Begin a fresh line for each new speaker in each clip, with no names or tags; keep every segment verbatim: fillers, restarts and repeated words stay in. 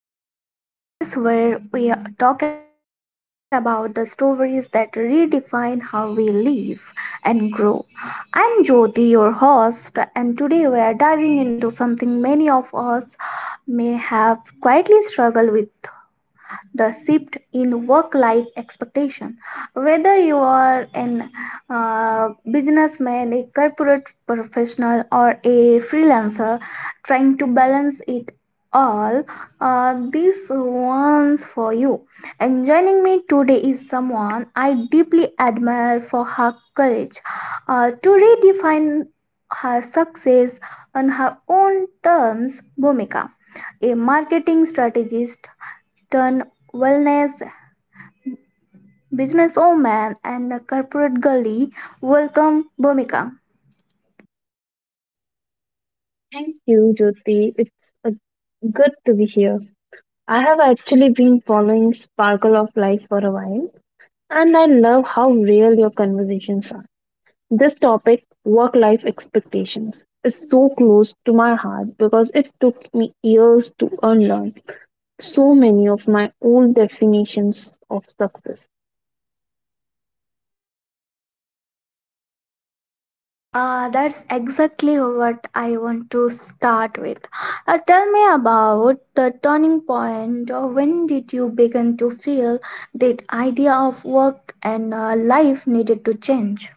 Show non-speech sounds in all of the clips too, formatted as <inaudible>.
to Sparkle of Life, the space where we talk about the stories that redefine how we live and grow. I'm Jyoti, your host, and today we are diving into something many of us may have quietly struggled with the shift in work life expectation whether you are an uh, businessman a corporate professional or a freelancer trying to balance it all uh, these ones for you and joining me today is someone I deeply admire for her courage uh, to redefine her success on her own terms bhumika a marketing strategist turn wellness businesswoman and corporate girly. Welcome, Bhumika.
Thank you, Jyoti. It's uh, good to be here. I have actually been following Sparkle of Life for a while, and I love how real your conversations are. This topic, work life expectations, is so close to my heart because it took me years to unlearn so many of my old definitions of success.
Uh, that's exactly what I want to start with. Uh, tell me about the turning point. Uh, When did you begin to feel that idea of work and uh, life needed to change?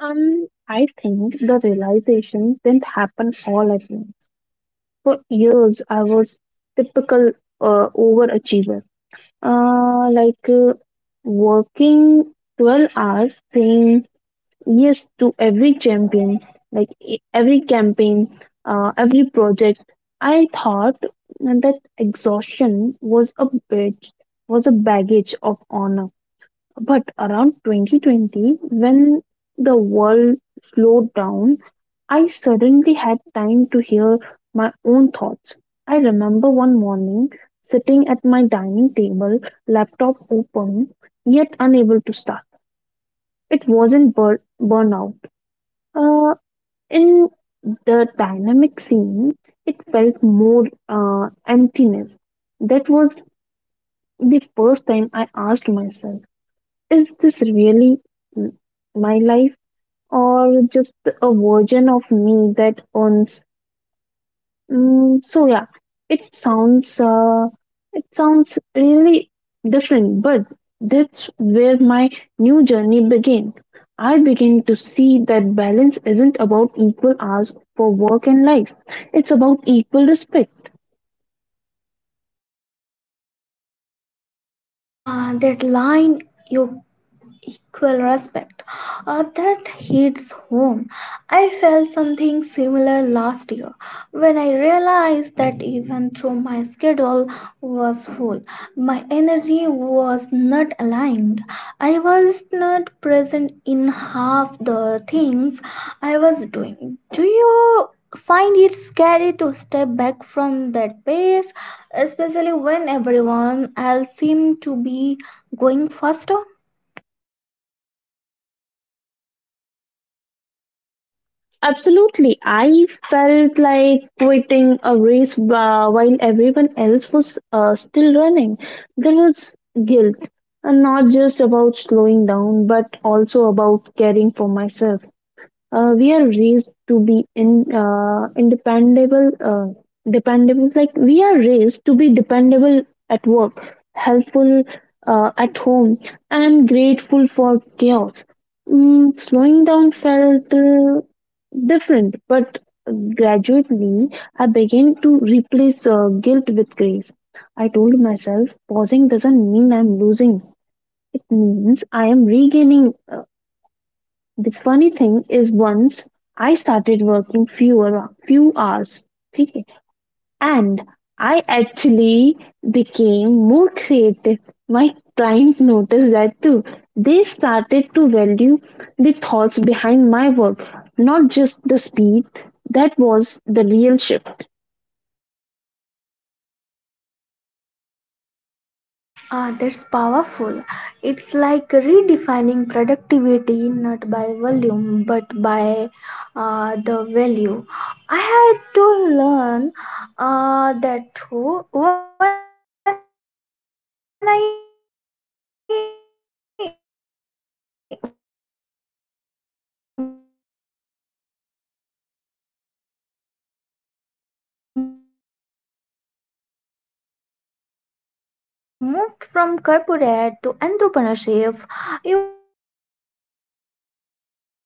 Um, I think the realization didn't happen all at once. For years, I was typical uh, overachiever uh, like uh, working twelve hours saying yes to every champion like e- every campaign, uh, every project. I thought that exhaustion was a bit was a baggage of honor. But around twenty twenty, when the world slowed down, I suddenly had time to hear my own thoughts. I remember one morning sitting at my dining table, laptop open, yet unable to start. It wasn't bur- burnout. Uh, in the dynamic scene, it felt more uh, emptiness. That was the first time I asked myself, is this really m- my life or just a version of me that owns? Mm, so yeah, it sounds uh, it sounds really different, but that's where my new journey began. I began to see that balance isn't about equal hours for work and life. It's about equal respect.
Uh, that line you equal respect. Uh, that hits home. I felt something similar last year when I realized that even though my schedule was full, my energy was not aligned. I was not present in half the things I was doing. Do you find it scary to step back from that pace, especially when everyone else seems to be going faster?
Absolutely. I felt like quitting a race uh, while everyone else was uh, still running. There was guilt, and not just about slowing down, but also about caring for myself. Uh, we are raised to be in uh, independable uh, dependable. Like we are raised to be dependable at work, helpful, uh, at home, and grateful for chaos. Mm, slowing down felt uh, different, but gradually I began to replace uh, guilt with grace. I told myself pausing doesn't mean I'm losing, it means I am regaining. Uh, the funny thing is once I started working fewer few hours, ठीक है? And I actually became more creative. My client noticed that too. They started to value the thoughts behind my work, not just the speed. That was the real shift.
Ah, that's powerful. It's like redefining productivity not by volume but by uh, the value. I had to learn uh, that too when I moved from corporate to entrepreneurship. You begin to see what working all days doesn't necessarily mean creating anything meaningful. I am curious too what did this shift affect your relationship, uh, or both personally or professionally?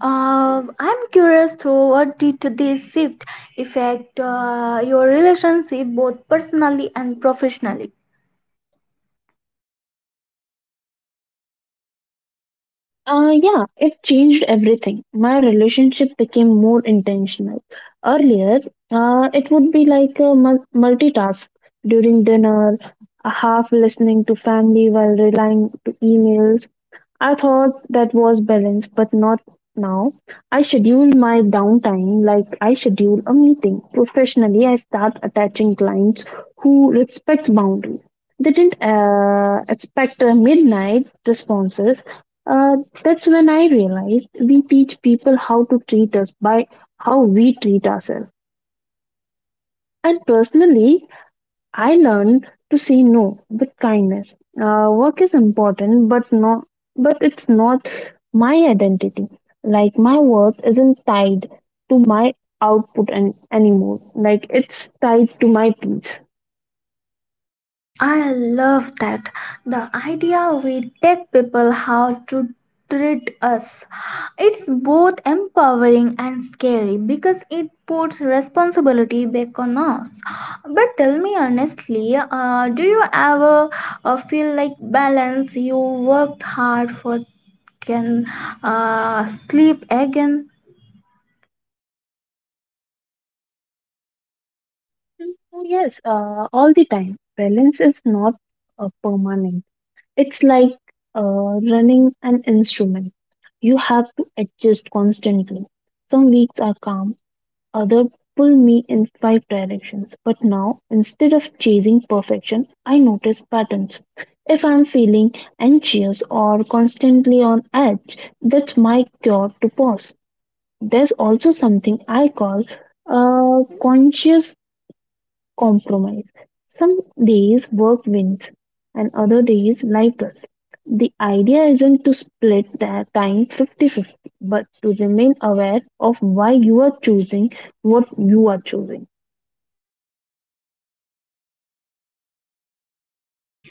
Uh, I'm curious through what did this shift affect uh, your relationship both personally and professionally?
Uh, yeah, it changed everything. My relationship became more intentional. Earlier, uh, it would be like a mul- multitask during dinner, a half listening to family while relying to emails. I thought that was balance, but not now. I schedule my downtime like I schedule a meeting. Professionally, I start attaching clients who respect boundaries. They didn't uh, expect uh, midnight responses. Uh, that's when I realized we teach people how to treat us by how we treat ourselves. And personally, I learned to say no with kindness. Uh, work is important, but no, but it's not my identity. Like my worth isn't tied to my output and anymore. Like it's tied to my peace.
I love that. The idea we tell people how to treat us. It's both empowering and scary because it puts responsibility back on us. But tell me honestly, uh, do you ever uh, feel like balance you worked hard for can uh, sleep again?
And So yes, uh, all the time. Balance is not uh, permanent. It's like uh, running an instrument. You have to adjust constantly. Some weeks are calm, other pull me in five directions. But now, instead of chasing perfection, I notice patterns. If I'm feeling anxious or constantly on edge, that's my cure to pause. There's also something I call uh, conscious compromise. Some days work wins and other days life does. The idea isn't to split that time fifty-fifty, but to remain aware of why you are choosing what you are choosing.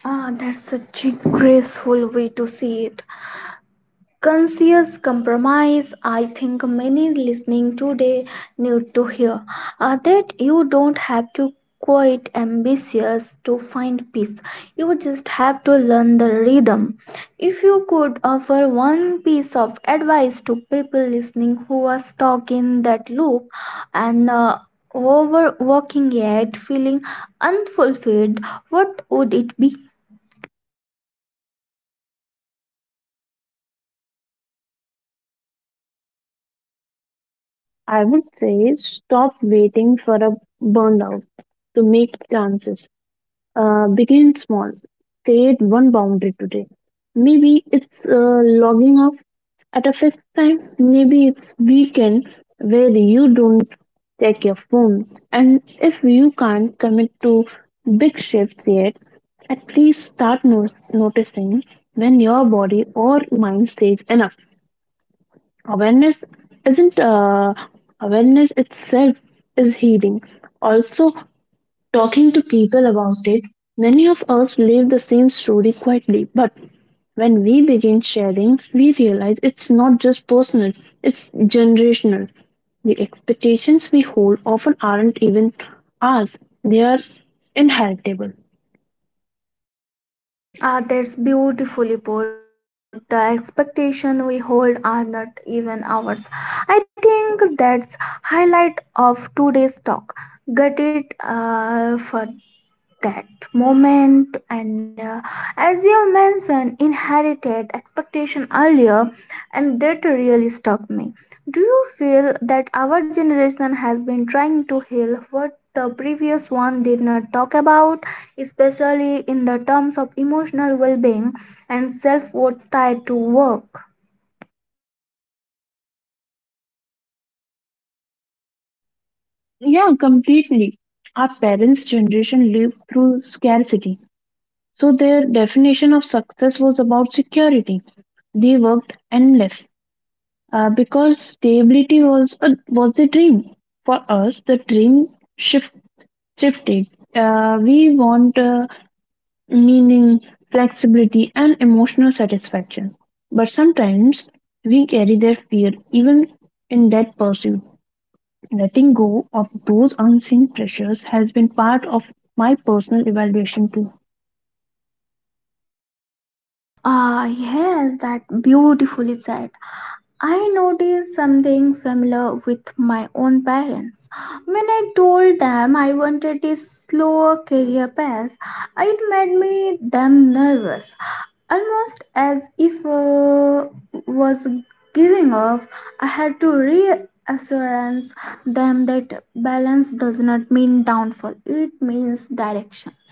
Ah, that's such a graceful way to see it. Conscious compromise I think many listening today need to hear uh, that you don't have to quite ambitious to find peace you just have to learn the rhythm if you could offer one piece of advice to people listening who are stuck in that loop and uh, overworking yet feeling unfulfilled what would it be.
I would say stop waiting for a burnout to make chances. Uh, begin small. Create one boundary today. Maybe it's uh, logging off at a fixed time. Maybe it's weekend where you don't check your phone. And if you can't commit to big shifts yet, at least start no- noticing when your body or mind says enough. Awareness isn't uh, awareness itself is healing. Also, talking to people about it, many of us live the same story quietly, but when we begin sharing, we realize it's not just personal, it's generational. The expectations we hold often aren't even ours, they are inheritable.
Ah, that's beautifully put. The expectation we hold are not even ours. I think that's highlight of today's talk. Get it uh, for that moment and uh, as you mentioned inherited expectation earlier and that really stuck me do you feel that our generation has been trying to heal what the previous one did not talk about especially in the terms of emotional well-being and self-worth tied to work.
Yeah, completely. Our parents' generation lived through scarcity, so their definition of success was about security. They worked endlessly uh, because stability was a, was the dream for us. The dream shift shifted. Uh, we want uh, meaning, flexibility, and emotional satisfaction. But sometimes we carry their fear even in that pursuit. Letting go of those unseen pressures has been part of my personal evaluation too.
Ah yes that beautifully said. I noticed something familiar with my own parents. When I told them I wanted a slower career path, it made me them nervous, almost as if uh, was giving up. I had to reassurance them that balance does not mean downfall; it means direction.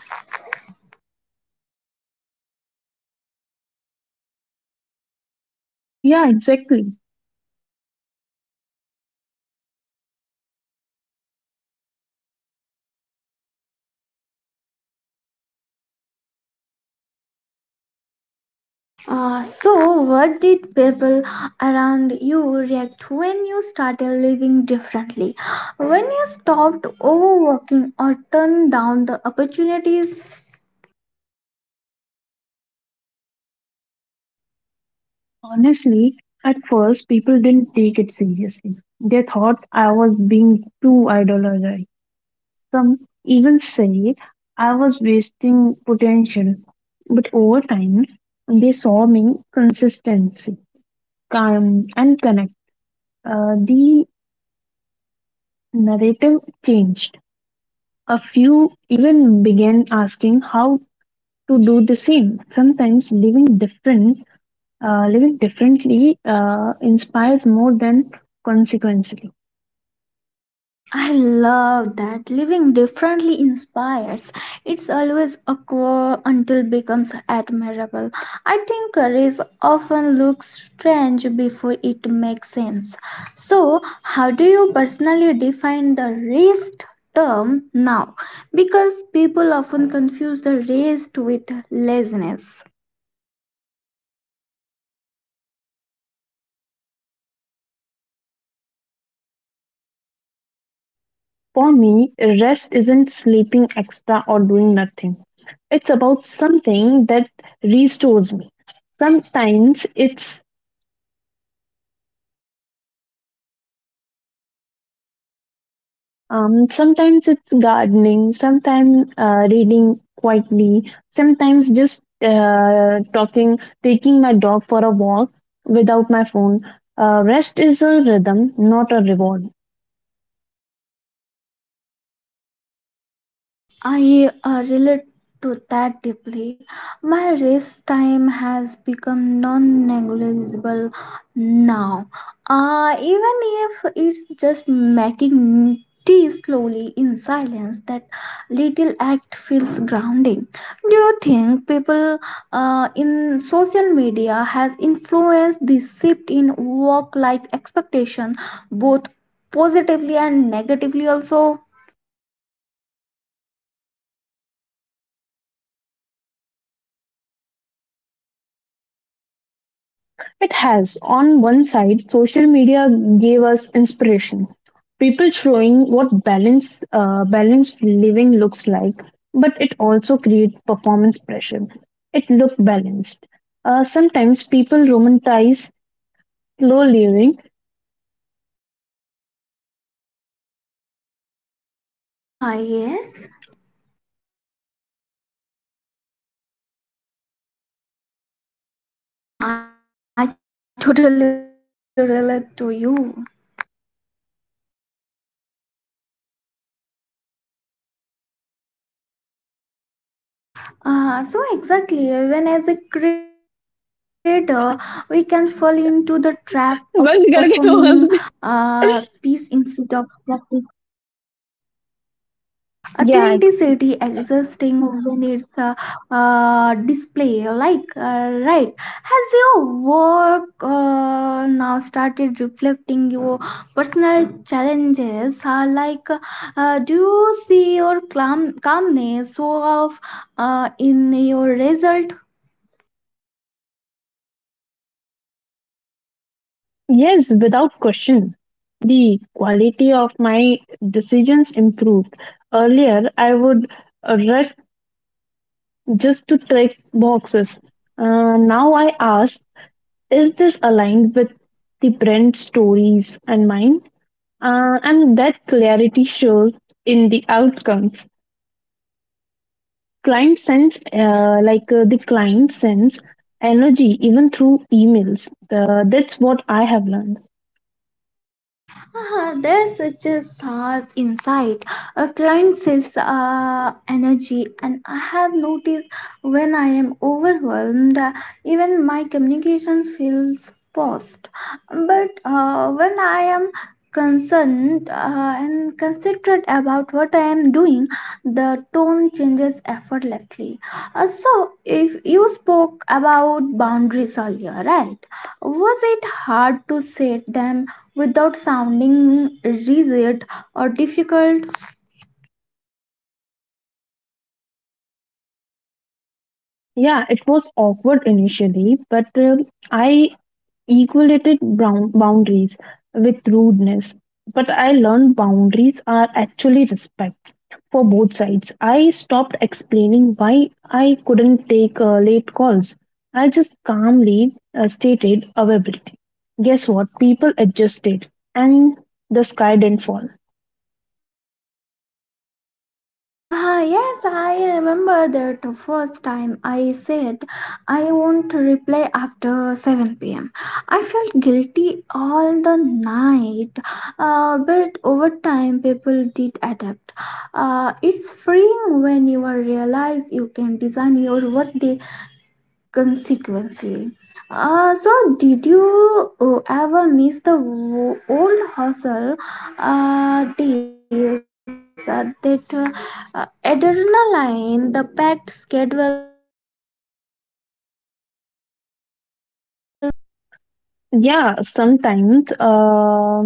Yeah, exactly.
Uh, so, what did people around you react when you started living differently? When you stopped overworking or turned down the opportunities?
Honestly, at first people didn't take it seriously. They thought I was being too idolized. Some even say I was wasting potential. But over time, they saw me consistency, calm, and connect. Uh, the narrative changed. A few even began asking how to do the same. Sometimes living different, uh, living differently uh, inspires more than consequences.
I love that living differently inspires. It's always awkward until becomes admirable. I think courage often looks strange before it makes sense. So, how do you personally define the rest term now? Because people often confuse the rest with laziness.
For me, rest isn't sleeping extra or doing nothing. It's about something that restores me. Sometimes it's um, sometimes it's gardening, sometimes uh, reading quietly, sometimes just uh, talking, taking my dog for a walk without my phone. Uh, rest is a rhythm, not a reward.
I uh, relate to that deeply. My race time has become non negligible now. Uh, even if it's just making tea slowly in silence, that little act feels grounding. Do you think people uh, in social media has influenced this shift in work life expectation both positively and negatively also?
It has. On one side, social media gave us inspiration. People showing what balance, uh, balanced living looks like, but it also creates performance pressure. It looked balanced. Uh, sometimes people romanticize slow living. <laughs>
Ah, yes. Ah, I totally relate to you. Ah, so exactly, even as a creator, we can fall into the trap of performing
बंद करके
uh,
बोल
piece
they
instead of practicing.
Yeah, exactly.
Authenticity existing when it's a uh, display like uh, right has your work uh, now started reflecting your personal challenges uh, like uh, do you see your calm, calmness show off uh, in your result.
Yes, without question. The quality of my decisions improved. Earlier, I would uh, rush just to tick boxes. Uh, now I ask, is this aligned with the brand stories and mine? Uh, and that clarity shows in the outcomes. Client sends, uh, like uh, the client sends energy even through emails. The, that's what I have learned.
Ah, there's such a sharp insight. A client says uh, energy, and I have noticed when I am overwhelmed, uh, even my communication feels paused. But uh, when I am concerned uh, and considerate about what I am doing, the tone changes effortlessly. Uh, so, if you spoke about boundaries earlier, right? Was it hard to set them without sounding rigid or difficult?
Yeah, it was awkward initially, but uh, I equated brown boundaries with rudeness. But I learned boundaries are actually respect for both sides. I stopped explaining why I couldn't take uh, late calls. I just calmly uh, stated availability. Guess what? People adjusted and the sky didn't fall.
Ah, yes, I remember that first time I said I won't reply after seven p m. I felt guilty all the night, uh, but over time, people did adapt. Uh, it's freeing when you realize you can design your workday consequently. Uh, so, did you uh, ever miss the wo- old hustle uh, days, uh, that uh, uh, adrenaline, the packed schedule?
Yeah, sometimes uh,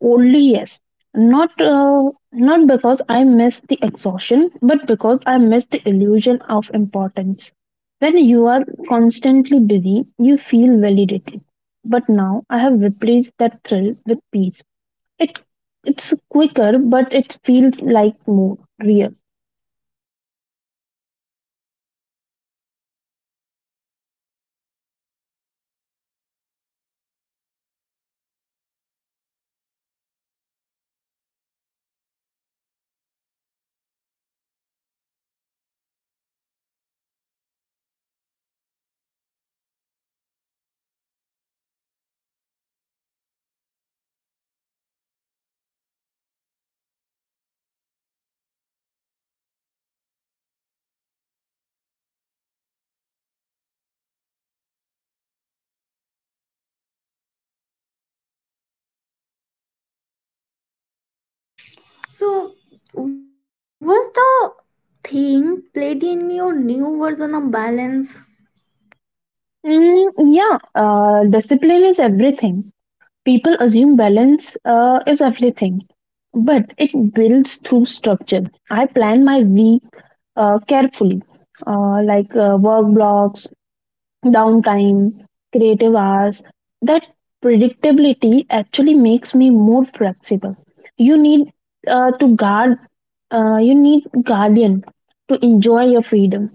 only yes. Not uh, not because I miss the exhaustion, but because I miss the illusion of importance. When you are constantly busy, you feel validated. But now I have replaced that thrill with peace. It it's quicker, but it feels like more real.
Ah, that's uh, raw and honesty. I have been there too. Busy was my comfort zone. Stillness felt a little scary because it made me question things I do rather ignore. Also, what uh, role has self discipline played in your uh, new version of balance? So, what's the thing played in your new version of balance?
Mm, yeah, uh, discipline is everything. People assume balance uh, is everything, but it builds through structure. I plan my week uh, carefully, uh, like uh, work blocks, downtime, creative hours. That predictability actually makes me more flexible. You need uh, to guard, uh, you need guardian to enjoy your freedom.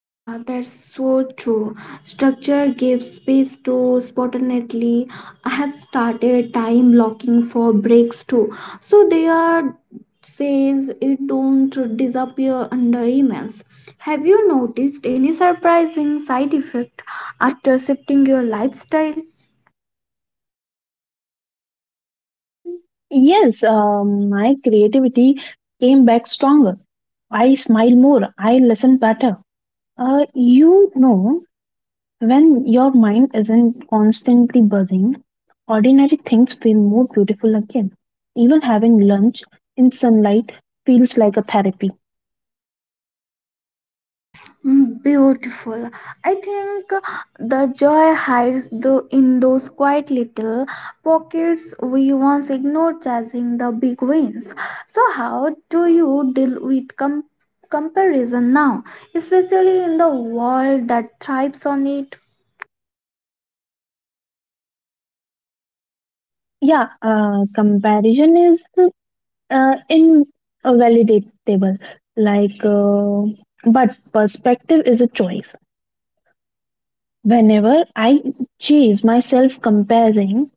Ah, that's so true. Structure gives space to spontaneity. I have started time blocking for breaks too. So they are says it don't disappear under emails. Have you noticed any surprising side effect after shifting your lifestyle?
Mm, yes, um, my creativity came back stronger. I smile more. I listen better. Uh, you know, when your mind isn't constantly buzzing, ordinary things feel more beautiful again. Even having lunch in sunlight feels like a therapy.
Mm, beautiful. I think the joy hides the, in those quiet little pockets we once ignored chasing the big wins. So, how do you deal with com- comparison now, especially in the world that thrives on it?
Yeah, uh, comparison is uh, invalidatable. Like, uh, but perspective is a choice. Whenever I chase myself comparing,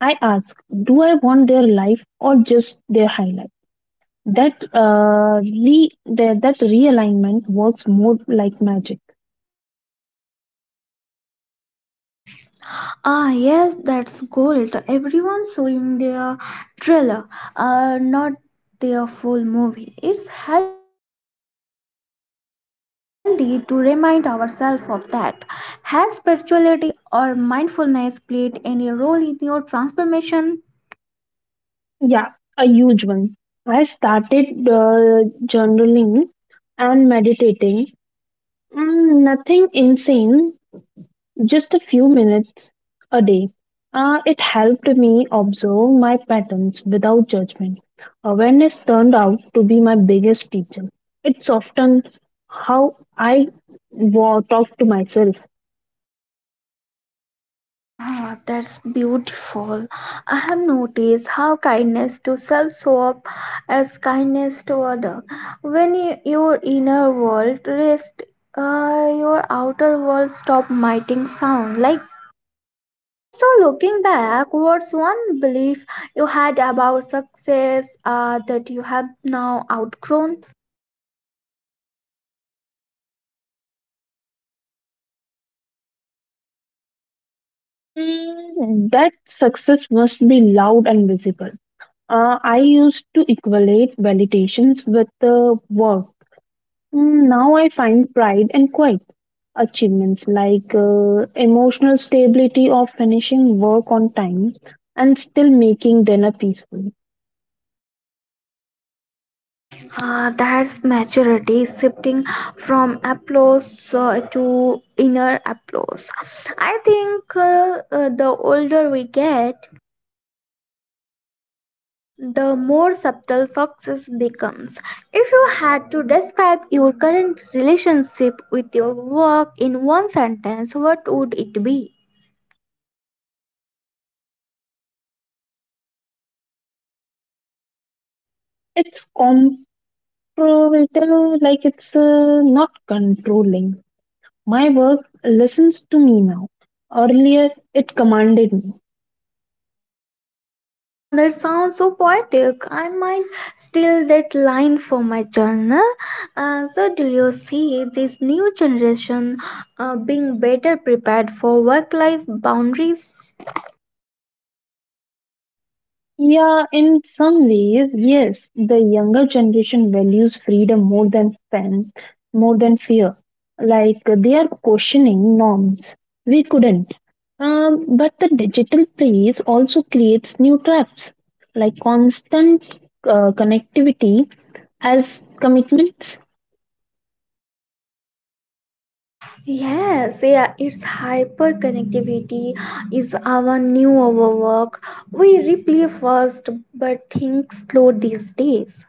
I ask, do I want their life or just their highlight? That uh, re- that, that realignment works more like magic.
Ah, yes, that's gold. Everyone's showing their trailer, uh, not their full movie. It's healthy to remind ourselves of that. Has spirituality or mindfulness played any role in your transformation?
Yeah, a huge one. I started uh, journaling and meditating. Mm, nothing insane, just a few minutes a day. Uh, it helped me observe my patterns without judgment. Awareness turned out to be my biggest teacher. It softened how I wa- talk to myself.
Ah, that's beautiful. I have noticed how kindness to self show up as kindness to other. When y- your inner world rests, uh, your outer world stop miting sound like. Also, looking back, what's one belief you had about success uh, that you have now outgrown?
Mm, that success must be loud and visible. Uh, I used to equate validations with uh, work. Mm, now I find pride in quiet achievements like uh, emotional stability of finishing work on time and still making dinner peacefully.
Uh, that's maturity, shifting from applause uh, to inner applause. I think uh, uh, the older we get, the more subtle success becomes. If you had to describe your current relationship with your work in one sentence, what would it be?
It's comparable, like it's uh, not controlling. My work listens to me now. Earlier, it commanded me.
Ah, that sounds so poetic. I might steal that line for my journal. Uh, so, do you see this new generation uh, being better prepared for work life boundaries?
Yeah, in some ways, yes. The younger generation values freedom more than pen, more than fear. Like they are questioning norms. We couldn't. Um, but the digital place also creates new traps, like constant uh, connectivity as commitments.
Yes, yeah, it's hyper connectivity is our new overwork. We replay first but think slow these days.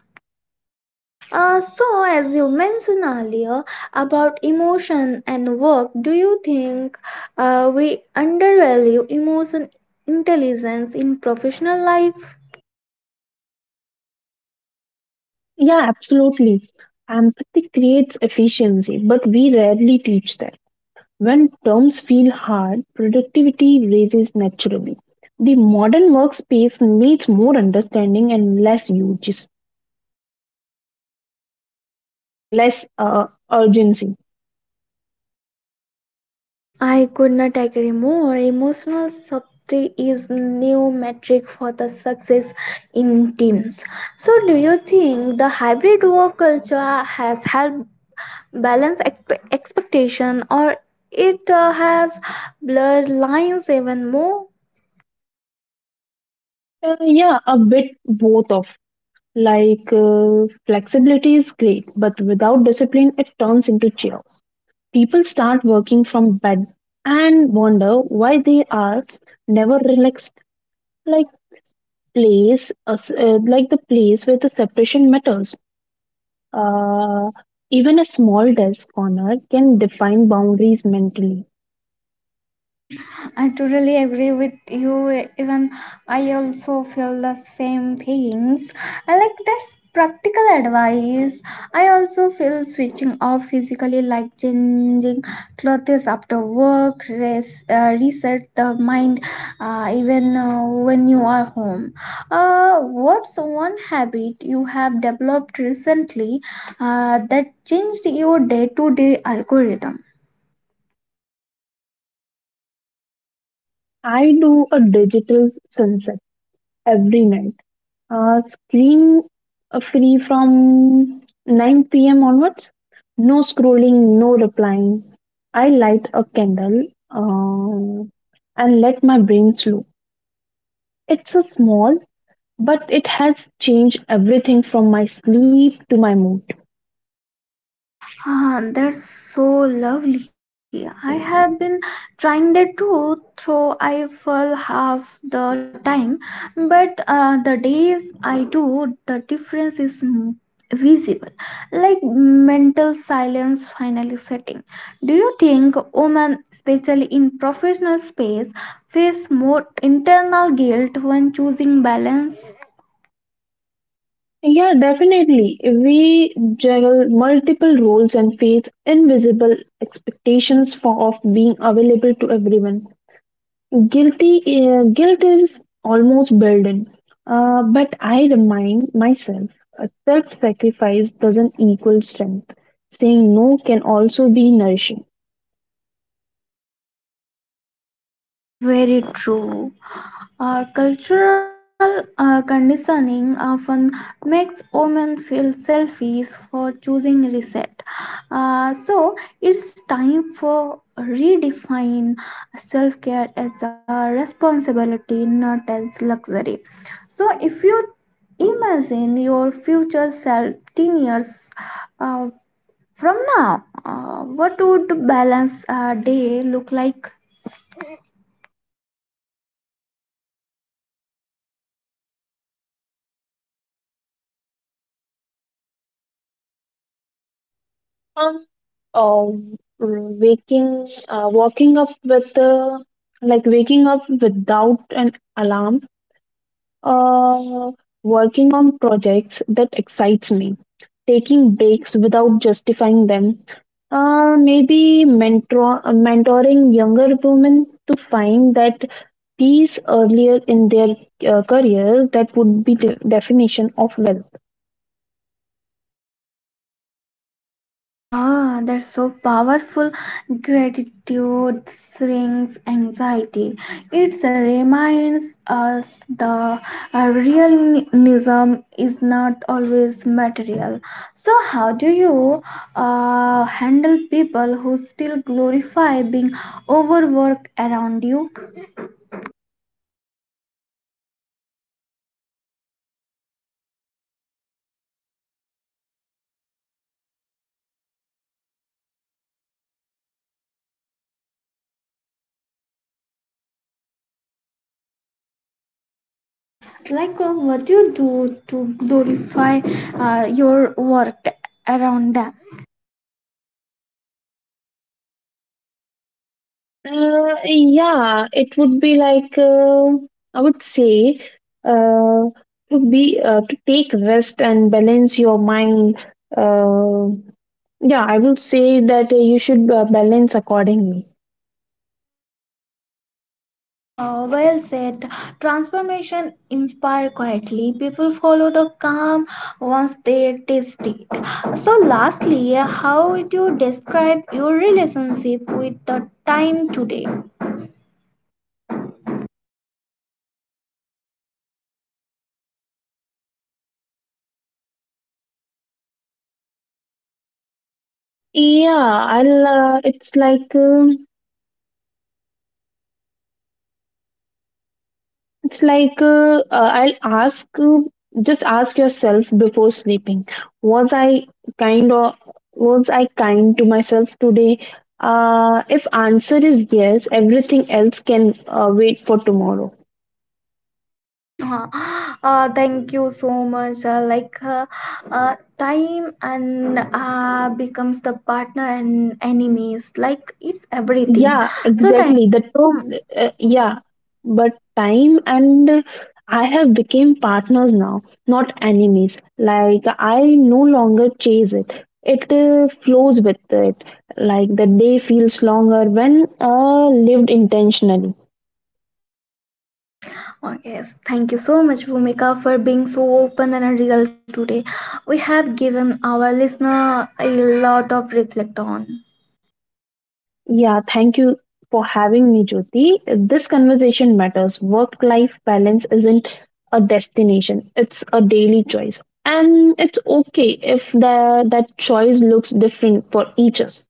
Uh, so, as you mentioned earlier about emotion and work, do you think uh, we undervalue emotion intelligence in professional life?
Yeah, absolutely. Empathy creates efficiency, but we rarely teach that. When terms feel hard, productivity rises naturally. The modern workspace needs more understanding and less urges, like less uh, urgency.
I could not agree more. Emotional safety is new metric for the success in teams. So, do you think the hybrid work culture has helped balance expe- expectation, or it uh, has blurred lines even more?
Uh, yeah, a bit both of. Like uh, flexibility is great, but without discipline, it turns into chaos. People start working from bed and wonder why they are never relaxed. Like place, uh, s- uh, like the place where the separation matters. Uh, Even a small desk corner can define boundaries mentally.
I totally agree with you. Even I also feel the same things. I like that's practical advice. I also feel switching off physically, like changing clothes after work, rest, uh, reset the mind, uh, even uh, when you are home. Uh, what's one habit you have developed recently uh, that changed your day to day algorithm?
I do a digital sunset every night. Uh, screen uh, free from nine p m onwards. No scrolling, no replying. I light a candle uh, and let my brain slow. It's a small, but it has changed everything from my sleep to my mood.
Ah, that's so lovely. I have been trying that too, though I fall half the time. But uh, the days I do, the difference is m- visible, like mental silence finally setting. Do you think women, especially in professional space, face more internal guilt when choosing balance?
Yeah, definitely. We juggle multiple roles and face invisible expectations for, of being available to everyone. Guilty, uh, guilt is almost burden. Uh, but I remind myself, uh, self-sacrifice doesn't equal strength. Saying no can also be nourishing.
Ah, very true. Uh, cultural uh, conditioning often makes women feel selfish for choosing reset. Uh, so it's time for redefine self-care as a responsibility, not as luxury. So if you imagine your future self ten years uh, from now, uh, what would balance uh, day look like?
Um, oh, waking, uh, walking up with the, like waking up without an alarm, uh, working on projects that excites me, taking breaks without justifying them, uh, maybe mentor, uh, mentoring younger women to find that peace earlier in their uh, career. That would be the definition of wealth.
Ah, that's so powerful. Gratitude shrinks anxiety. It reminds us the uh, realism is not always material. So, how do you uh, handle people who still glorify being overworked around you? Like, uh, what do you do to glorify uh, your work around them?
Uh, yeah, it would be like uh, I would say uh, would be uh, to take rest and balance your mind. Uh, yeah, I would say that uh, you should uh, balance accordingly.
Ah, well said. Transformation inspire quietly. People follow the calm once they taste it. So, lastly, how would you describe your relationship with the time today?
Yeah, I'll. Uh, it's like. Um It's like uh, uh, I'll ask, uh, just ask yourself before sleeping, was I kind or was I kind to myself today? Uh, if answer is yes, everything else can uh, wait for tomorrow.
Ah, ah, thank you so much. Uh, like, uh, uh, time and uh, becomes the partner and enemies. Like, it's everything.
Yeah,
So, thank you.
exactly. That
So,
uh, yeah, but time and uh, I have became partners now, not enemies. Like I no longer chase it. It uh, flows with it. Like the day feels longer when uh, lived intentionally.
oh, yes, thank you so much, Bhumika, for being so open and real today. We have given our listener a lot of reflect on.
Yeah, thank you for having me, Jyoti. This conversation matters. Work life balance isn't a destination, it's a daily choice. And it's okay if the, that choice looks different for each us.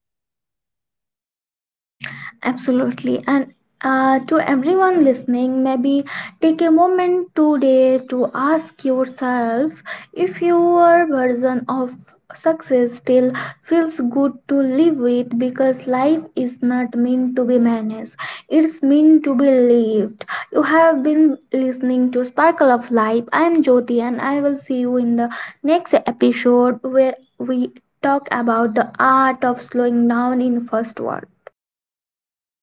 Absolutely. And uh, to everyone listening, maybe take a moment today to ask yourself if your version of success still feels good to live with because life is not meant to be managed, it's meant to be lived. You have been listening to Sparkle of Life. I am Jyoti, and I will see you in the next episode where we talk about the art of slowing down in first word.